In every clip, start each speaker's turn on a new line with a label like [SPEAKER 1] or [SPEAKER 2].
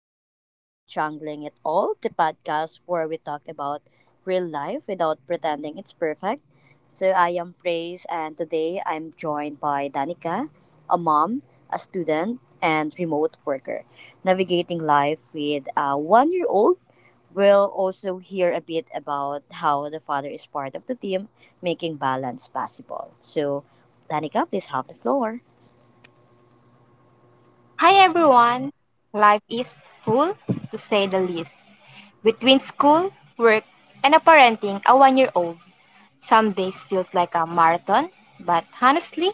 [SPEAKER 1] Welcome to Jungling It All, the podcast where we talk about real life without pretending it's perfect. So I am Praise and today I'm joined by Danica, a mom, a student, and remote worker, navigating life with a 1 year old. We'll also hear a bit about how the father is part of the team, making balance possible. So, Danica, please have the floor.
[SPEAKER 2] Hi everyone! Life is full, to say the least. Between school, work, and a parenting a 1-year old, some days feels like a marathon, but honestly,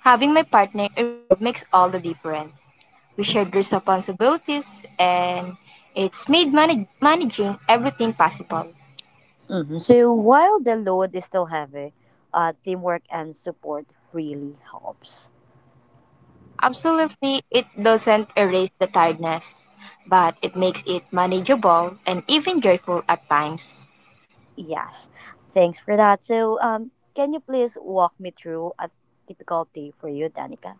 [SPEAKER 2] having my partner involved makes all the difference. We shared responsibilities and it's made managing everything possible.
[SPEAKER 1] Mhm. So while the load is still heavy, teamwork and support really helps.
[SPEAKER 2] Absolutely, it doesn't erase the tiredness, but it makes it manageable and even joyful at times.
[SPEAKER 1] Yes, thanks for that. So, can you please walk me through a typical day for you, Danica?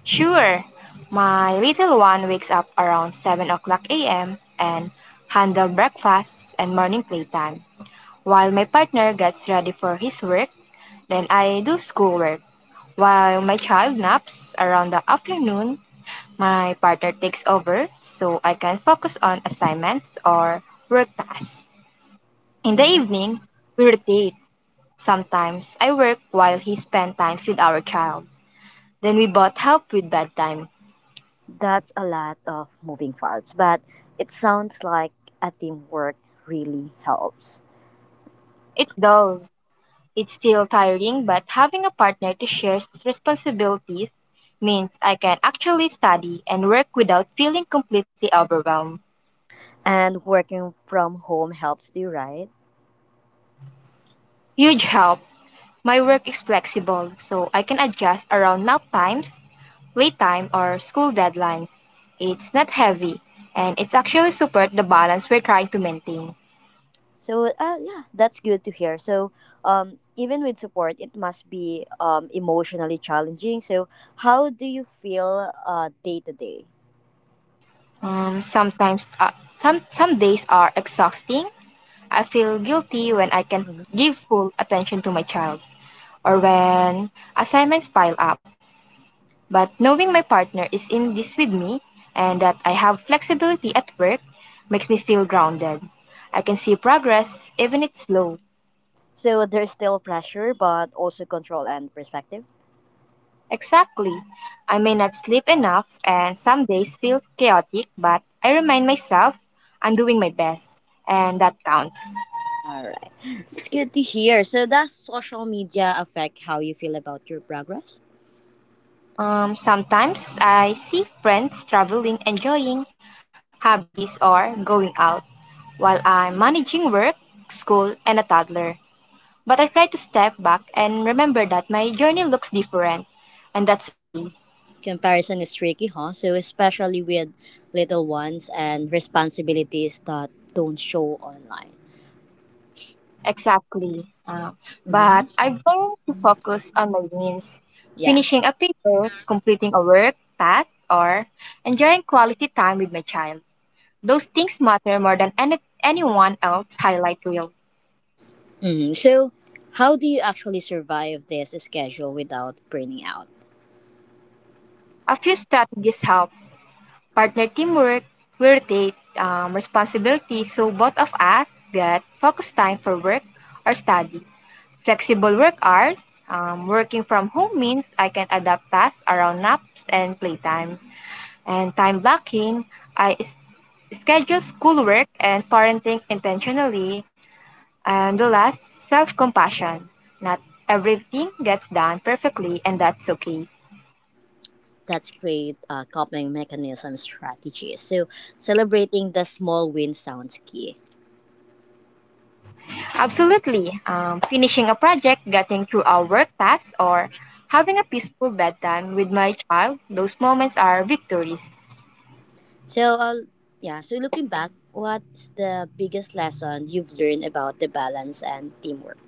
[SPEAKER 2] Sure. My little one wakes up around 7 o'clock a.m. and handle breakfast and morning playtime, while my partner gets ready for his work. Then I do schoolwork. While my child naps around the afternoon, my partner takes over so I can focus on assignments or work tasks. In the
[SPEAKER 1] Mm-hmm.
[SPEAKER 2] evening, we rotate. Sometimes I work while he spends time with our child. Then we both help with bedtime.
[SPEAKER 1] That's a lot of moving parts, but it sounds like a teamwork really helps.
[SPEAKER 2] It does. It's still tiring, but having a partner to share responsibilities means I can actually study and work without feeling completely overwhelmed.
[SPEAKER 1] And working from home helps too, right?
[SPEAKER 2] Huge help. My work is flexible, so I can adjust around nap times, playtime, or school deadlines. It's not heavy, and it's actually support the balance we're trying to maintain.
[SPEAKER 1] Yeah, that's good to hear. So even with support, it must be emotionally challenging. So how do you feel day to day?
[SPEAKER 2] Sometimes, some days are exhausting. I feel guilty when I can
[SPEAKER 1] Mhm.
[SPEAKER 2] give full attention to my child, or when assignments pile up. But knowing my partner is in this with me and that I have flexibility at work makes me feel grounded. I can see progress even if it's slow.
[SPEAKER 1] So there's still pressure, but also control and perspective.
[SPEAKER 2] Exactly. I may not sleep enough and some days feel chaotic, but I remind myself I'm doing my best and that counts.
[SPEAKER 1] All right, it's good to hear. So does social media affect how you feel about your progress?
[SPEAKER 2] Sometimes I see friends traveling, enjoying hobbies, or going out while I'm managing work, school, and a toddler. But I try to step back and remember that my journey looks different, and that's okay.
[SPEAKER 1] Comparison is tricky, huh? So especially with little ones and responsibilities that don't show online.
[SPEAKER 2] Exactly. Uh, but
[SPEAKER 1] Hmm.
[SPEAKER 2] I've learned to focus on my wins,
[SPEAKER 1] Yeah.
[SPEAKER 2] finishing a paper, completing a work task, or enjoying quality time with my child. Those things matter more than anyone else highlight reel.
[SPEAKER 1] Hmm. So how do you actually survive this schedule without burning out?
[SPEAKER 2] A few strategies help. Partner teamwork, we rotate responsibility so both of us get focused time for work or study. Flexible work hours, working from home means I can adapt tasks around naps and playtime. And time blocking, I s- schedule schoolwork and parenting intentionally. And the last, self compassion. Not everything gets done perfectly, and that's okay.
[SPEAKER 1] That's great coping mechanism strategy. So celebrating the small win sounds key.
[SPEAKER 2] Absolutely. Finishing a project, getting through our work tasks, or having a peaceful bedtime with my child, those moments are victories.
[SPEAKER 1] So yeah. So looking back, what's the biggest lesson you've learned about the balance and teamwork?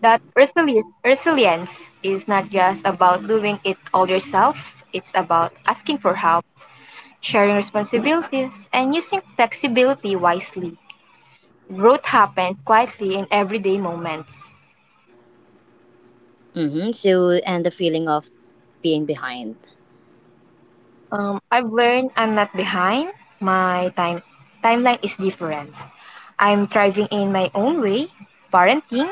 [SPEAKER 2] That resilience is not just about doing it all yourself, it's about asking for help, sharing responsibilities, and using flexibility wisely. Growth happens quietly in everyday moments.
[SPEAKER 1] Mm-hmm. So and the feeling of being behind.
[SPEAKER 2] I've learned I'm not behind, my timeline is different. I'm thriving in my own way, parenting,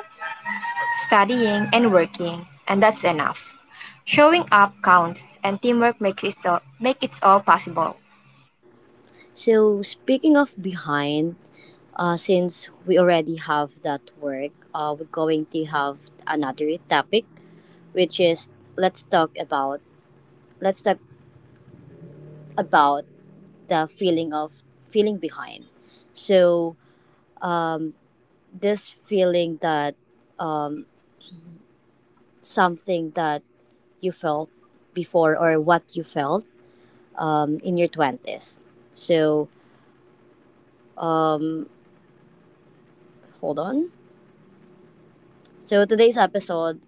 [SPEAKER 2] studying, and working, and that's enough. Showing up counts, and teamwork makes it all possible.
[SPEAKER 1] So speaking of behind, since we already have that work, we're going to have another topic, which is let's talk about let's talk about the feeling of feeling behind. So um, this feeling that um, something that you felt before or what you felt in your twenties. So um, hold on. So today's episode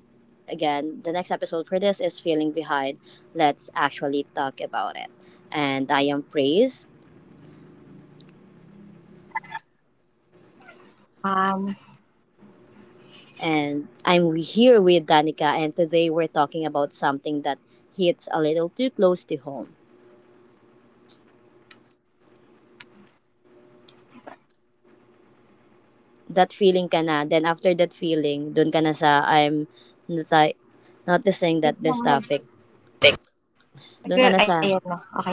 [SPEAKER 1] Again, the next episode for this is Feeling Behind. Let's actually talk about it. And I am Praise,
[SPEAKER 2] Um,
[SPEAKER 1] and I'm here with Danica, and today we're talking about something that hits a little too close to home. That feeling ka na, then after that feeling, dun ka na sa, nati- noticing that
[SPEAKER 2] wait lang,
[SPEAKER 1] this
[SPEAKER 2] nag,
[SPEAKER 1] topic, dun ka
[SPEAKER 2] nag-
[SPEAKER 1] na sa,
[SPEAKER 2] ayun na, okay na.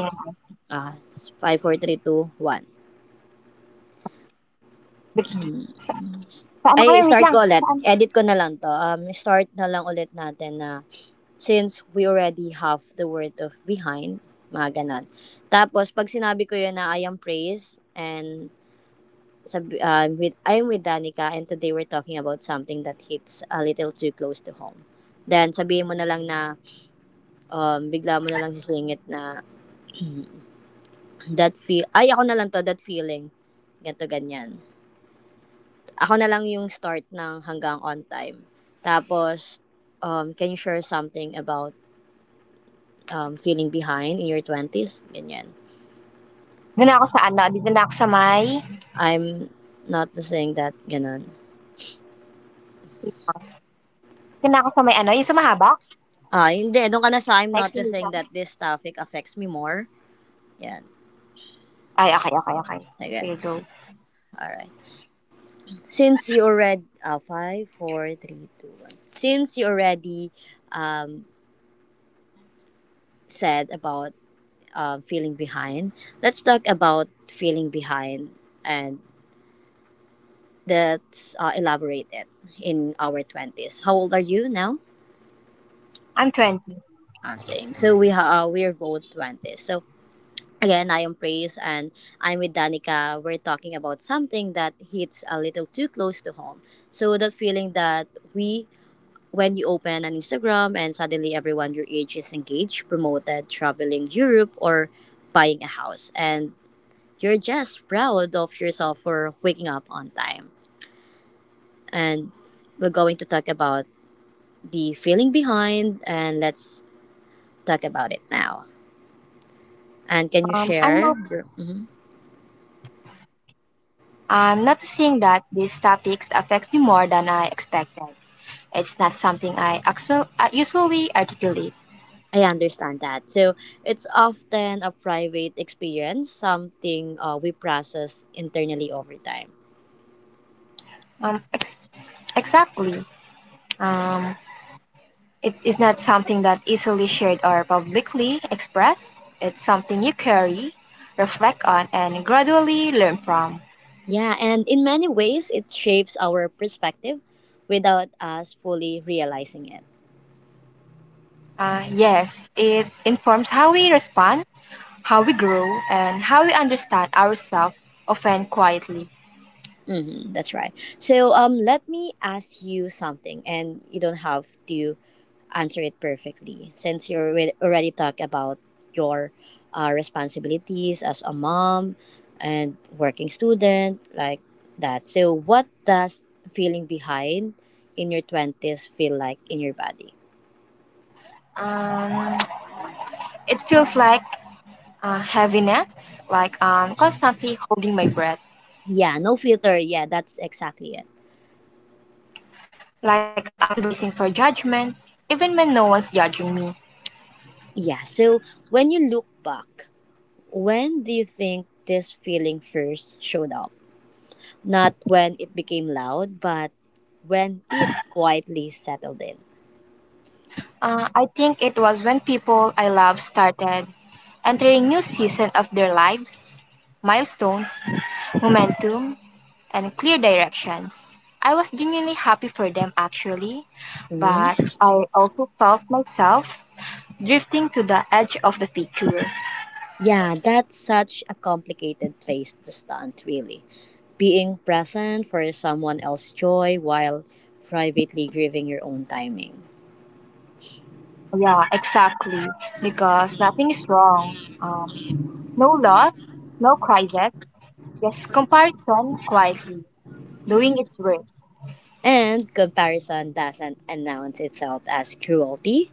[SPEAKER 1] ah, 5 4 3 2 1.
[SPEAKER 2] Big- Sa,
[SPEAKER 1] 4,
[SPEAKER 2] saan na
[SPEAKER 1] Ay,
[SPEAKER 2] kami? Wait
[SPEAKER 1] start
[SPEAKER 2] lang.
[SPEAKER 1] ko ulit.
[SPEAKER 2] Saan?
[SPEAKER 1] Edit ko na lang to. Start na lang ulit natin na since we already have the word of behind, mga ganon. Tapos, pag sinabi ko yun na I am praise and sabi, ah, with, I'm with Danica and today we're talking about something that hits a little too close to home. Then, sabihin mo na lang na bigla mo na lang sisingit na that feel, ay ako na lang to, that feeling. Ganto, ganyan. Ako na lang yung start ng hanggang on time. Tapos, can you share something about feeling behind in your twenties s Ganyan.
[SPEAKER 2] Doon ako sa ano, doon ako sa may,
[SPEAKER 1] I'm noticing that, ganun.
[SPEAKER 2] wait lang. Doon ako sa may ano, yung sa mahaba,
[SPEAKER 1] Ah, hindi. Doon
[SPEAKER 2] na
[SPEAKER 1] ka na sa I'm
[SPEAKER 2] explanation.
[SPEAKER 1] noticing that this topic affects me more. Yan.
[SPEAKER 2] Ay, okay, okay, okay. Sige,
[SPEAKER 1] Sige.
[SPEAKER 2] go.
[SPEAKER 1] Alright. Five, four, three, two, one. Since you already um, said about feeling behind, let's talk about feeling behind and let's elaborate it in our 20s. How old are you now?
[SPEAKER 2] I'm 20.
[SPEAKER 1] Ah, same. So we're both 20s. So again, I am Praise and I'm with Danica. We're talking about something that hits a little too close to home. So that feeling that we when you open an Instagram and suddenly everyone your age is engaged, promoted, traveling Europe or buying a house and you're just proud of yourself for waking up on time. And we're going to talk about the feeling behind and let's talk about it now. And can you
[SPEAKER 2] I'm
[SPEAKER 1] share
[SPEAKER 2] not,
[SPEAKER 1] your Mhm.
[SPEAKER 2] I'm noticing that these topics affect me more than I expected. It's not something I usually articulate.
[SPEAKER 1] I understand that. So it's often a private experience, something we process internally over time.
[SPEAKER 2] Um, ex- exactly. Um, it is not something that easily shared or publicly expressed. It's something you carry, reflect on, and gradually learn from.
[SPEAKER 1] Yeah, and in many ways, it shapes our perspective without us fully realizing it.
[SPEAKER 2] Yes, it informs how we respond, how we grow, and how we understand ourselves, often quietly.
[SPEAKER 1] Hmm, that's right. So let me ask you something, and you don't have to answer it perfectly since you already talked about your responsibilities as a mom and working student like that. So what does feeling behind in your twenties feel like in your body?
[SPEAKER 2] Um, it feels like heaviness, like I'm constantly holding my breath,
[SPEAKER 1] Yeah, no filter. Yeah, that's exactly it.
[SPEAKER 2] like I'm embracing for judgment, even when no one's judging me.
[SPEAKER 1] Yeah. So when you look back, when do you think this feeling first showed up? Not when it became loud, but when it quietly settled in.
[SPEAKER 2] I think it was when people I love started entering new season of their lives, milestones, momentum, and clear directions. I was genuinely happy for them actually,
[SPEAKER 1] Mhm.
[SPEAKER 2] but I also felt myself drifting to the edge of the picture.
[SPEAKER 1] Yeah, that's such a complicated place to stand, really. Being present for someone else's joy while privately grieving your own timing.
[SPEAKER 2] Yeah, exactly, because nothing is wrong. Um, no loss, no crisis, yes, comparison quietly, doing its work.
[SPEAKER 1] And comparison doesn't announce itself as cruelty,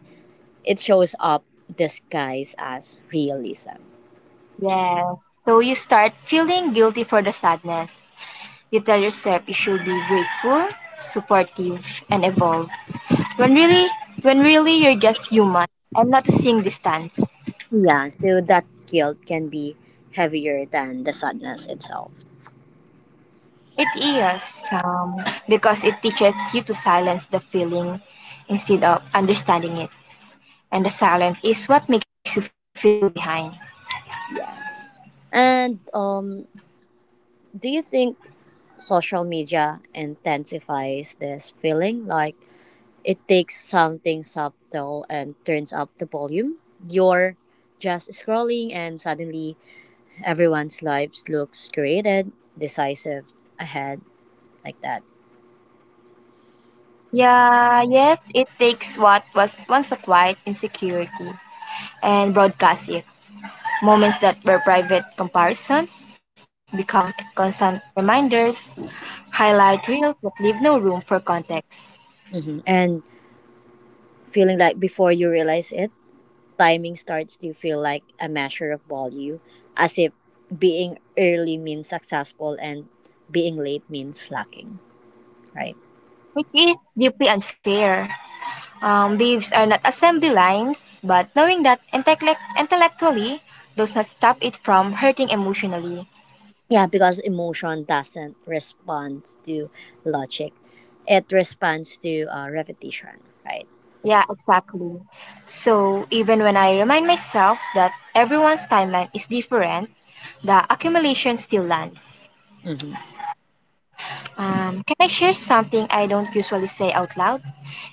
[SPEAKER 1] it shows up disguised as realism.
[SPEAKER 2] Yes. So you start feeling guilty for the sadness. You tell yourself you should be grateful, supportive, and evolve. When really, when really you're just human and not seeing distance.
[SPEAKER 1] Yeah, so that guilt can be heavier than the sadness itself.
[SPEAKER 2] It is, um, because it teaches you to silence the feeling instead of understanding it. And the silence is what makes you feel behind.
[SPEAKER 1] Yes. And do you think social media intensifies this feeling? Like it takes something subtle and turns up the volume? You're just scrolling, and suddenly everyone's lives looks created, decisive, ahead, like that.
[SPEAKER 2] Yeah, yes, it takes what was once a quiet insecurity and broadcast it. Moments that were private comparisons become constant reminders, highlight reels that leave no room for context,
[SPEAKER 1] Hmm. And feeling like before you realize it, timing starts to feel like a measure of value, as if being early means successful and being late means slacking, right?
[SPEAKER 2] which is deeply unfair. Leaves are not assembly lines, but knowing that intellectually does not stop it from hurting emotionally.
[SPEAKER 1] Yeah, because emotion doesn't respond to logic, it responds to repetition, right?
[SPEAKER 2] Yeah, exactly. So even when I remind myself that everyone's timeline is different, the accumulation still lands.
[SPEAKER 1] Mm-hmm.
[SPEAKER 2] Can I share something I don't usually say out loud?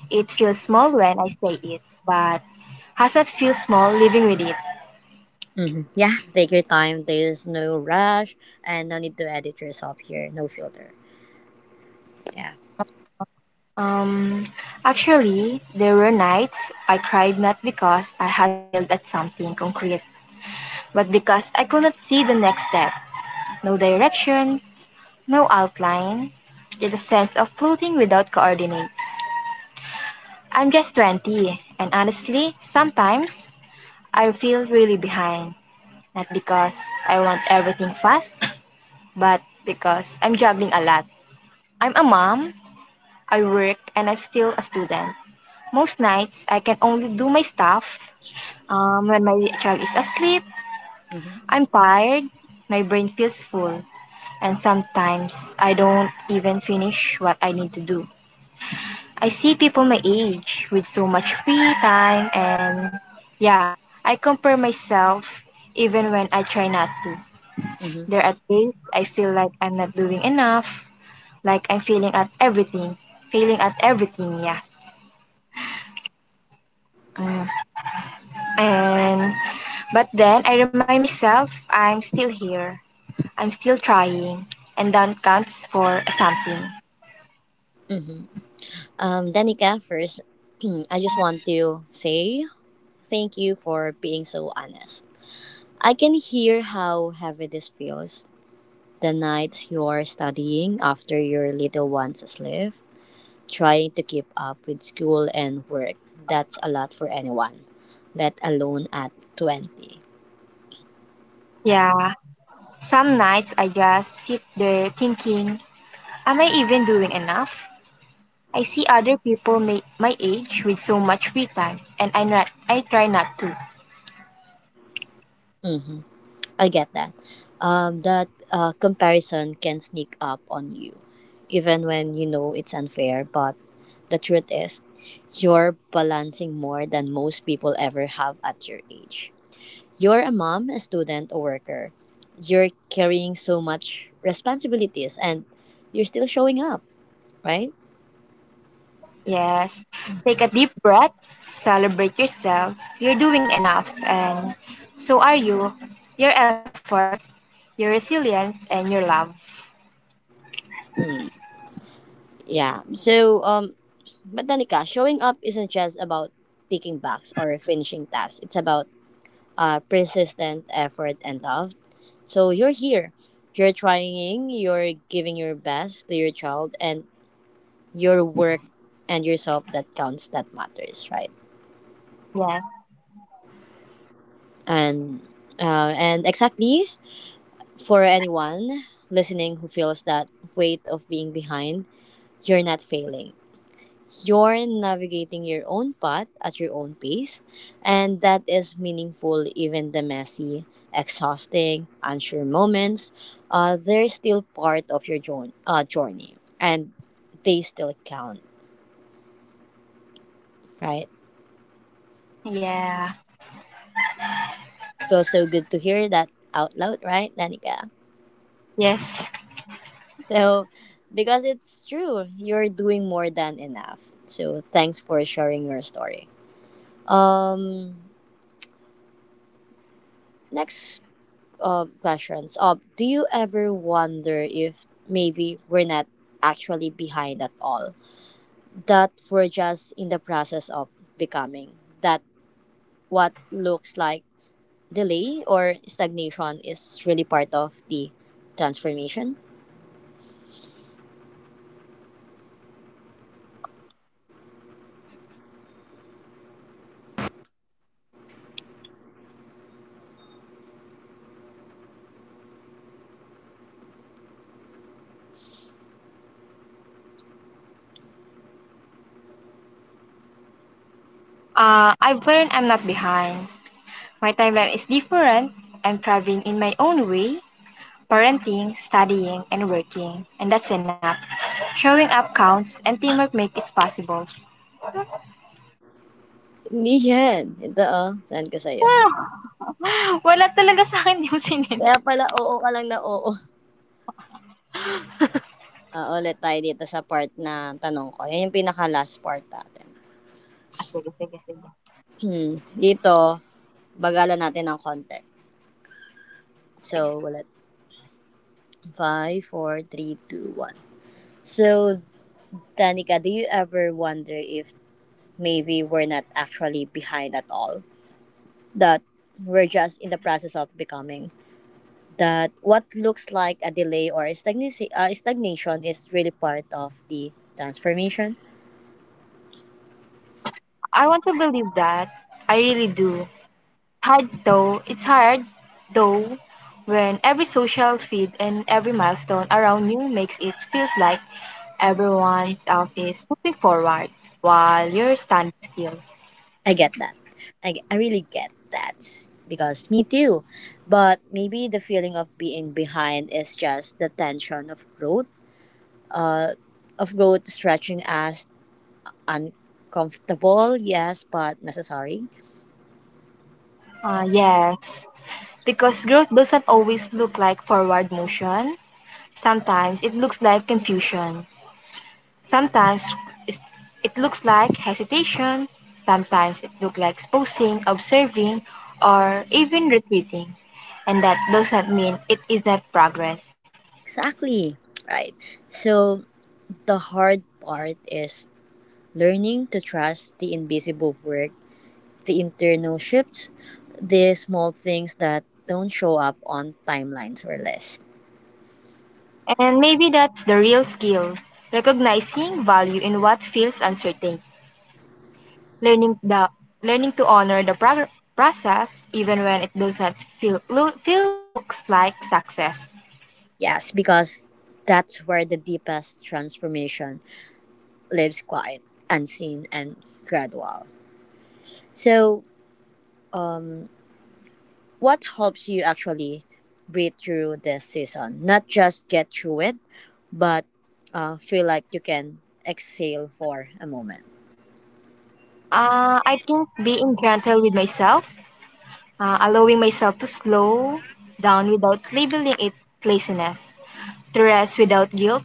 [SPEAKER 2] It feels small when I say it, but has it feel small living with it?
[SPEAKER 1] Mm-hmm. Yeah, take your time. There's no rush and no need to edit yourself here. No filter. Yeah.
[SPEAKER 2] Um, Actually, there were nights I cried not because I had failed at something concrete, but because I could not see the next step. No directions, no outline, just a sense of floating without coordinates. I'm just 20, and honestly, sometimes I feel really behind. Not because I want everything fast, but because I'm juggling a lot. I'm a mom, I work, and I'm still a student. Most nights, I can only do my stuff when my child is asleep.
[SPEAKER 1] Mm-hmm.
[SPEAKER 2] I'm tired, my brain feels full, and sometimes I don't even finish what I need to do. I see people my age with so much free time, and yeah, I compare myself even when I try not to.
[SPEAKER 1] Mm-hmm.
[SPEAKER 2] There are days I feel like I'm not doing enough, like I'm failing at everything, yes. Mm. And but then I remind myself I'm still here. I'm still trying, and that counts for something.
[SPEAKER 1] Danica, first, I just want to say thank you for being so honest. I can hear how heavy this feels. The nights you're studying after your little one's asleep, trying to keep up with school and work, that's a lot for anyone, let alone at 20.
[SPEAKER 2] Yeah. Some nights I just sit there thinking, am I even doing enough? I see other people my age with so much free time, and I try not to.
[SPEAKER 1] Mm-hmm. I get that. Comparison can sneak up on you, even when you know it's unfair, but the truth is, you're balancing more than most people ever have at your age. You're a mom, a student, a worker. You're carrying so much responsibilities and you're still showing up, right?
[SPEAKER 2] Yes. Take a deep breath, celebrate yourself. You're doing enough, and so are you. Your efforts, your resilience, and your love.
[SPEAKER 1] Mm, yeah. So, but Danica, showing up isn't just about ticking box or finishing tasks. It's about persistent effort and love. So you're here. You're trying. You're giving your best to your child and your work and yourself that counts. That matters, right?
[SPEAKER 2] Yes.
[SPEAKER 1] And and exactly for anyone listening who feels that weight of being behind, you're not failing. You're navigating your own path at your own pace, and that is meaningful even the messy, exhausting, unsure moments. They're still part of your journey, and they still count, right?
[SPEAKER 2] Yeah.
[SPEAKER 1] Feels so good to hear that out loud, right, Danica?
[SPEAKER 2] Yes.
[SPEAKER 1] So, because it's true, you're doing more than enough. So, thanks for sharing your story. Um, Next questions. Do you ever wonder if maybe we're not actually behind at all? That we're just in the process of becoming? That what looks like delay or stagnation is really part of the transformation?
[SPEAKER 2] I've learned I'm not behind. My timeline is different. I'm thriving in my own way parenting, studying, and working. And that's enough. Showing up counts, and teamwork makes it possible.
[SPEAKER 1] Hindi yan. Ito oh, saan ko sa'yo?
[SPEAKER 2] Ah, wala talaga sa akin yung sinend.
[SPEAKER 1] Kaya pala oo ka lang na oo. Ah, ulit tayo dito sa part na tanong ko. Yan yung pinaka last part natin.
[SPEAKER 2] Ah, sige, sige, sige.
[SPEAKER 1] Hmm, dito bagalan natin ng konti.
[SPEAKER 2] Sige,
[SPEAKER 1] So, ulit. 5 4 3 2 1. So, Danica, do you ever wonder if maybe we're not actually behind at all? That we're just in the process of becoming? That what looks like a delay or stagnation is really part of the transformation?
[SPEAKER 2] I want to believe that. I really do. It's hard though. It's hard though when every social feed and every milestone around you makes it feels like everyone else is moving forward while you're standing still.
[SPEAKER 1] I get that. I really get that because me too. But maybe the feeling of being behind is just the tension of growth stretching us uncomfortable, yes, but necessary.
[SPEAKER 2] Yes, because growth doesn't always look like forward motion. Sometimes it looks like confusion. Sometimes is- it looks like hesitation, sometimes it looks like posing, observing, or even retreating. And that does not mean it is not progress.
[SPEAKER 1] Exactly. Right. So the hard part is learning to trust the invisible work, the internal shifts, the small things that don't show up on timelines or lists.
[SPEAKER 2] And maybe that's the real skill recognizing value in what feels uncertain, learning, the, learning to honor the process even when it does not feel, loo- feel looks like success.
[SPEAKER 1] Yes, because that's where the deepest transformation lives quiet, unseen, and gradual. So, um, what helps you actually breathe through this season? Not just get through it, but feel like you can exhale for a moment.
[SPEAKER 2] I think being gentle with myself, allowing myself to slow down without labeling it laziness, to rest without guilt,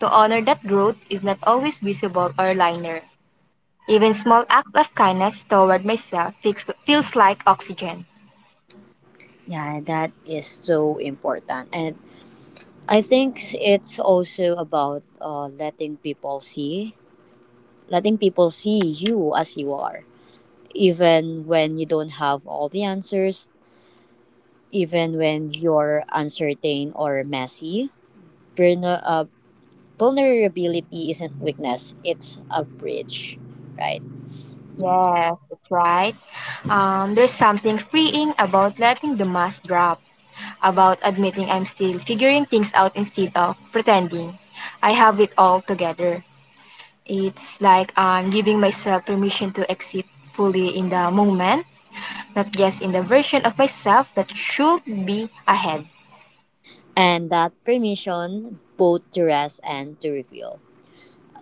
[SPEAKER 2] to honor that growth is not always visible or linear. Even small acts of kindness toward myself feels like oxygen.
[SPEAKER 1] Yeah, that is so important. And I think it's also about letting people see you as you are even when you don't have all the answers, even when you're uncertain or messy. Vulner- uh, Vulnerability isn't weakness, it's a bridge, right?
[SPEAKER 2] Yes, that's right. There's something freeing about letting the mask drop, about admitting I'm still figuring things out instead of pretending I have it all together. It's like I'm giving myself permission to exist fully in the moment, not just in the version of myself that should be ahead.
[SPEAKER 1] And that permission both to rest and to reveal.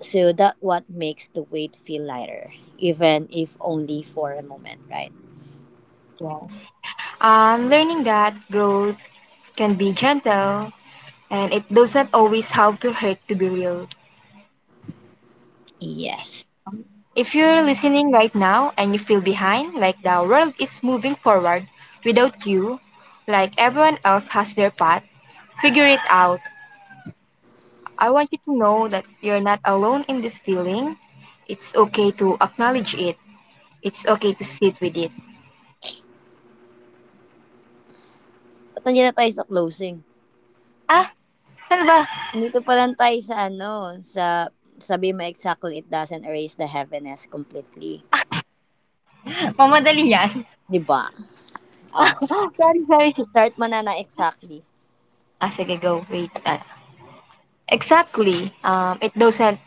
[SPEAKER 1] So that what makes the weight feel lighter, even if only for a moment, right?
[SPEAKER 2] Yes. I'm learning that growth can be gentle and it doesn't always have to hurt to be real.
[SPEAKER 1] Yes.
[SPEAKER 2] If you're listening right now and you feel behind, like the world is moving forward without you, like everyone else has their path, figure it out. I want you to know that you're not alone in this feeling. It's okay to acknowledge it. It's okay to sit with it.
[SPEAKER 1] Ba't nandiyan na tayo sa closing?
[SPEAKER 2] Ah, saan ba?
[SPEAKER 1] Dito pa lang tayo sa ano, sa sabi mo exactly it doesn't erase the heaviness completely.
[SPEAKER 2] Mamadali yan.
[SPEAKER 1] 'Di ba? Oh,
[SPEAKER 2] Sorry, sorry.
[SPEAKER 1] start mo na ng exactly.
[SPEAKER 2] Ah, sige, go. Wait. Ah. Exactly. It doesn't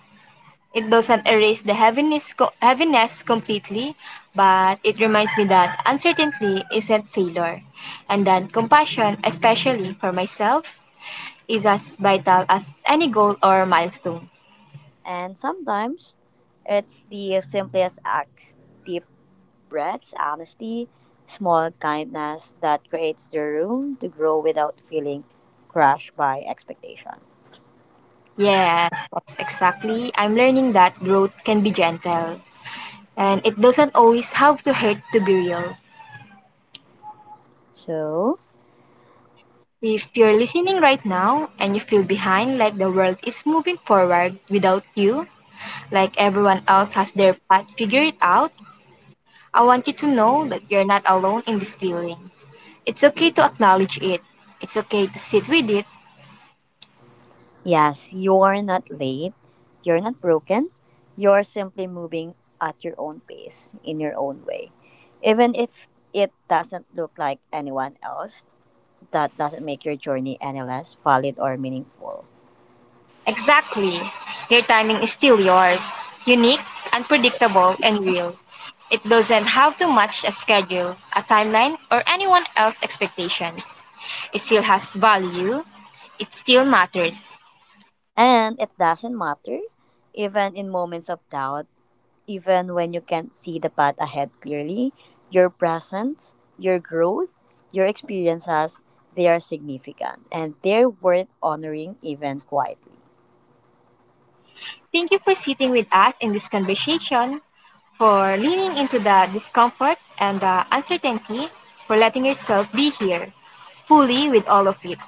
[SPEAKER 2] it doesn't erase the heaviness completely, but it reminds me that uncertainty isn't failure, and that compassion, especially for myself, is as vital as any goal or milestone.
[SPEAKER 1] And sometimes, it's the simplest acts, deep breaths, honesty, small kindness that creates the room to grow without feeling crushed by expectation.
[SPEAKER 2] Yes, that's exactly. I'm learning that growth can be gentle and it doesn't always have to hurt to be real.
[SPEAKER 1] So,
[SPEAKER 2] If you're listening right now and you feel behind, like the world is moving forward without you, like everyone else has their path figured out, I want you to know that you're not alone in this feeling. It's okay to acknowledge it, it's okay to sit with it.
[SPEAKER 1] yes, you're not late. You're not broken. You're simply moving at your own pace, in your own way. Even if it doesn't look like anyone else, that doesn't make your journey any less valid or meaningful.
[SPEAKER 2] Exactly. Your timing is still yours. Unique, unpredictable, and real. It doesn't have to match a schedule, a timeline, or anyone else's expectations. It still has value. It still matters.
[SPEAKER 1] And it doesn't matter, even in moments of doubt, even when you can't see the path ahead clearly, your presence, your growth, your experiences, they are significant and they're worth honoring even quietly.
[SPEAKER 2] Thank you for sitting with us in this conversation, for leaning into the discomfort and the uncertainty, for letting yourself be here fully with all of it.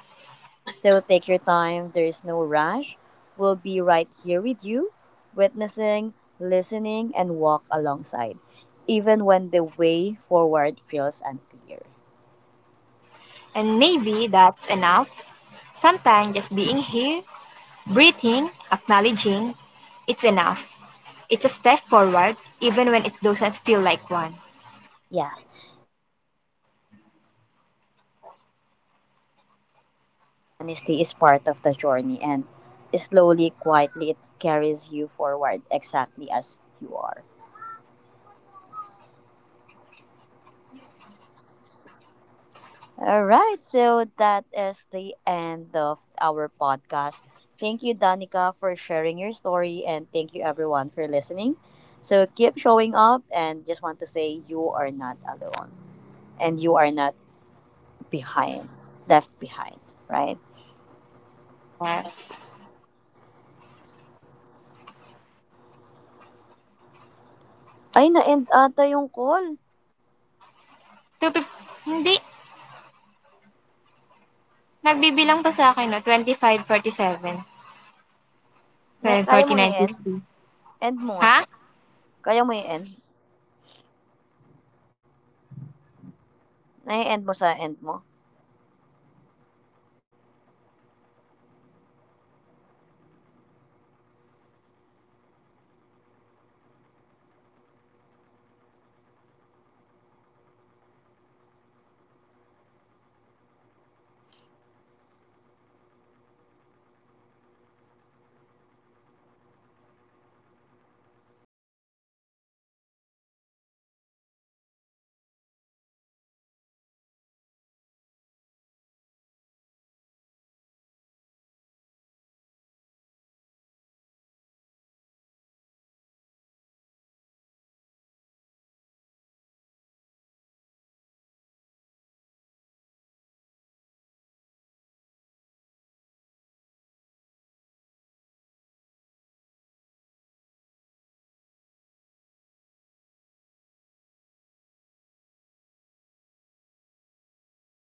[SPEAKER 1] So take your time, there is no rush. We'll be right here with you, witnessing, listening, and walk alongside, even when the way forward feels unclear.
[SPEAKER 2] And maybe that's enough. Sometimes just being here breathing, acknowledging, it's enough. It's a step forward even when it doesn't feel like one.
[SPEAKER 1] Yes. Honesty is part of the journey, and slowly, quietly, it carries you forward exactly as you are. All right, so that is the end of our podcast. Thank you, Danica, for sharing your story, and thank you, everyone, for listening. So keep showing up, and just want to say you are not alone, and you are not behind, left behind, right?
[SPEAKER 2] Yes.
[SPEAKER 1] Ay, na-end ata yung call.
[SPEAKER 2] Two fif- hindi. Nagbibilang pa sa akin, no? 25, forty
[SPEAKER 1] Na, kaya mong
[SPEAKER 2] nine
[SPEAKER 1] i-end?
[SPEAKER 2] fifty,
[SPEAKER 1] End mo nga.
[SPEAKER 2] ha?
[SPEAKER 1] Kaya mo i-end? Na-end mo sa end mo?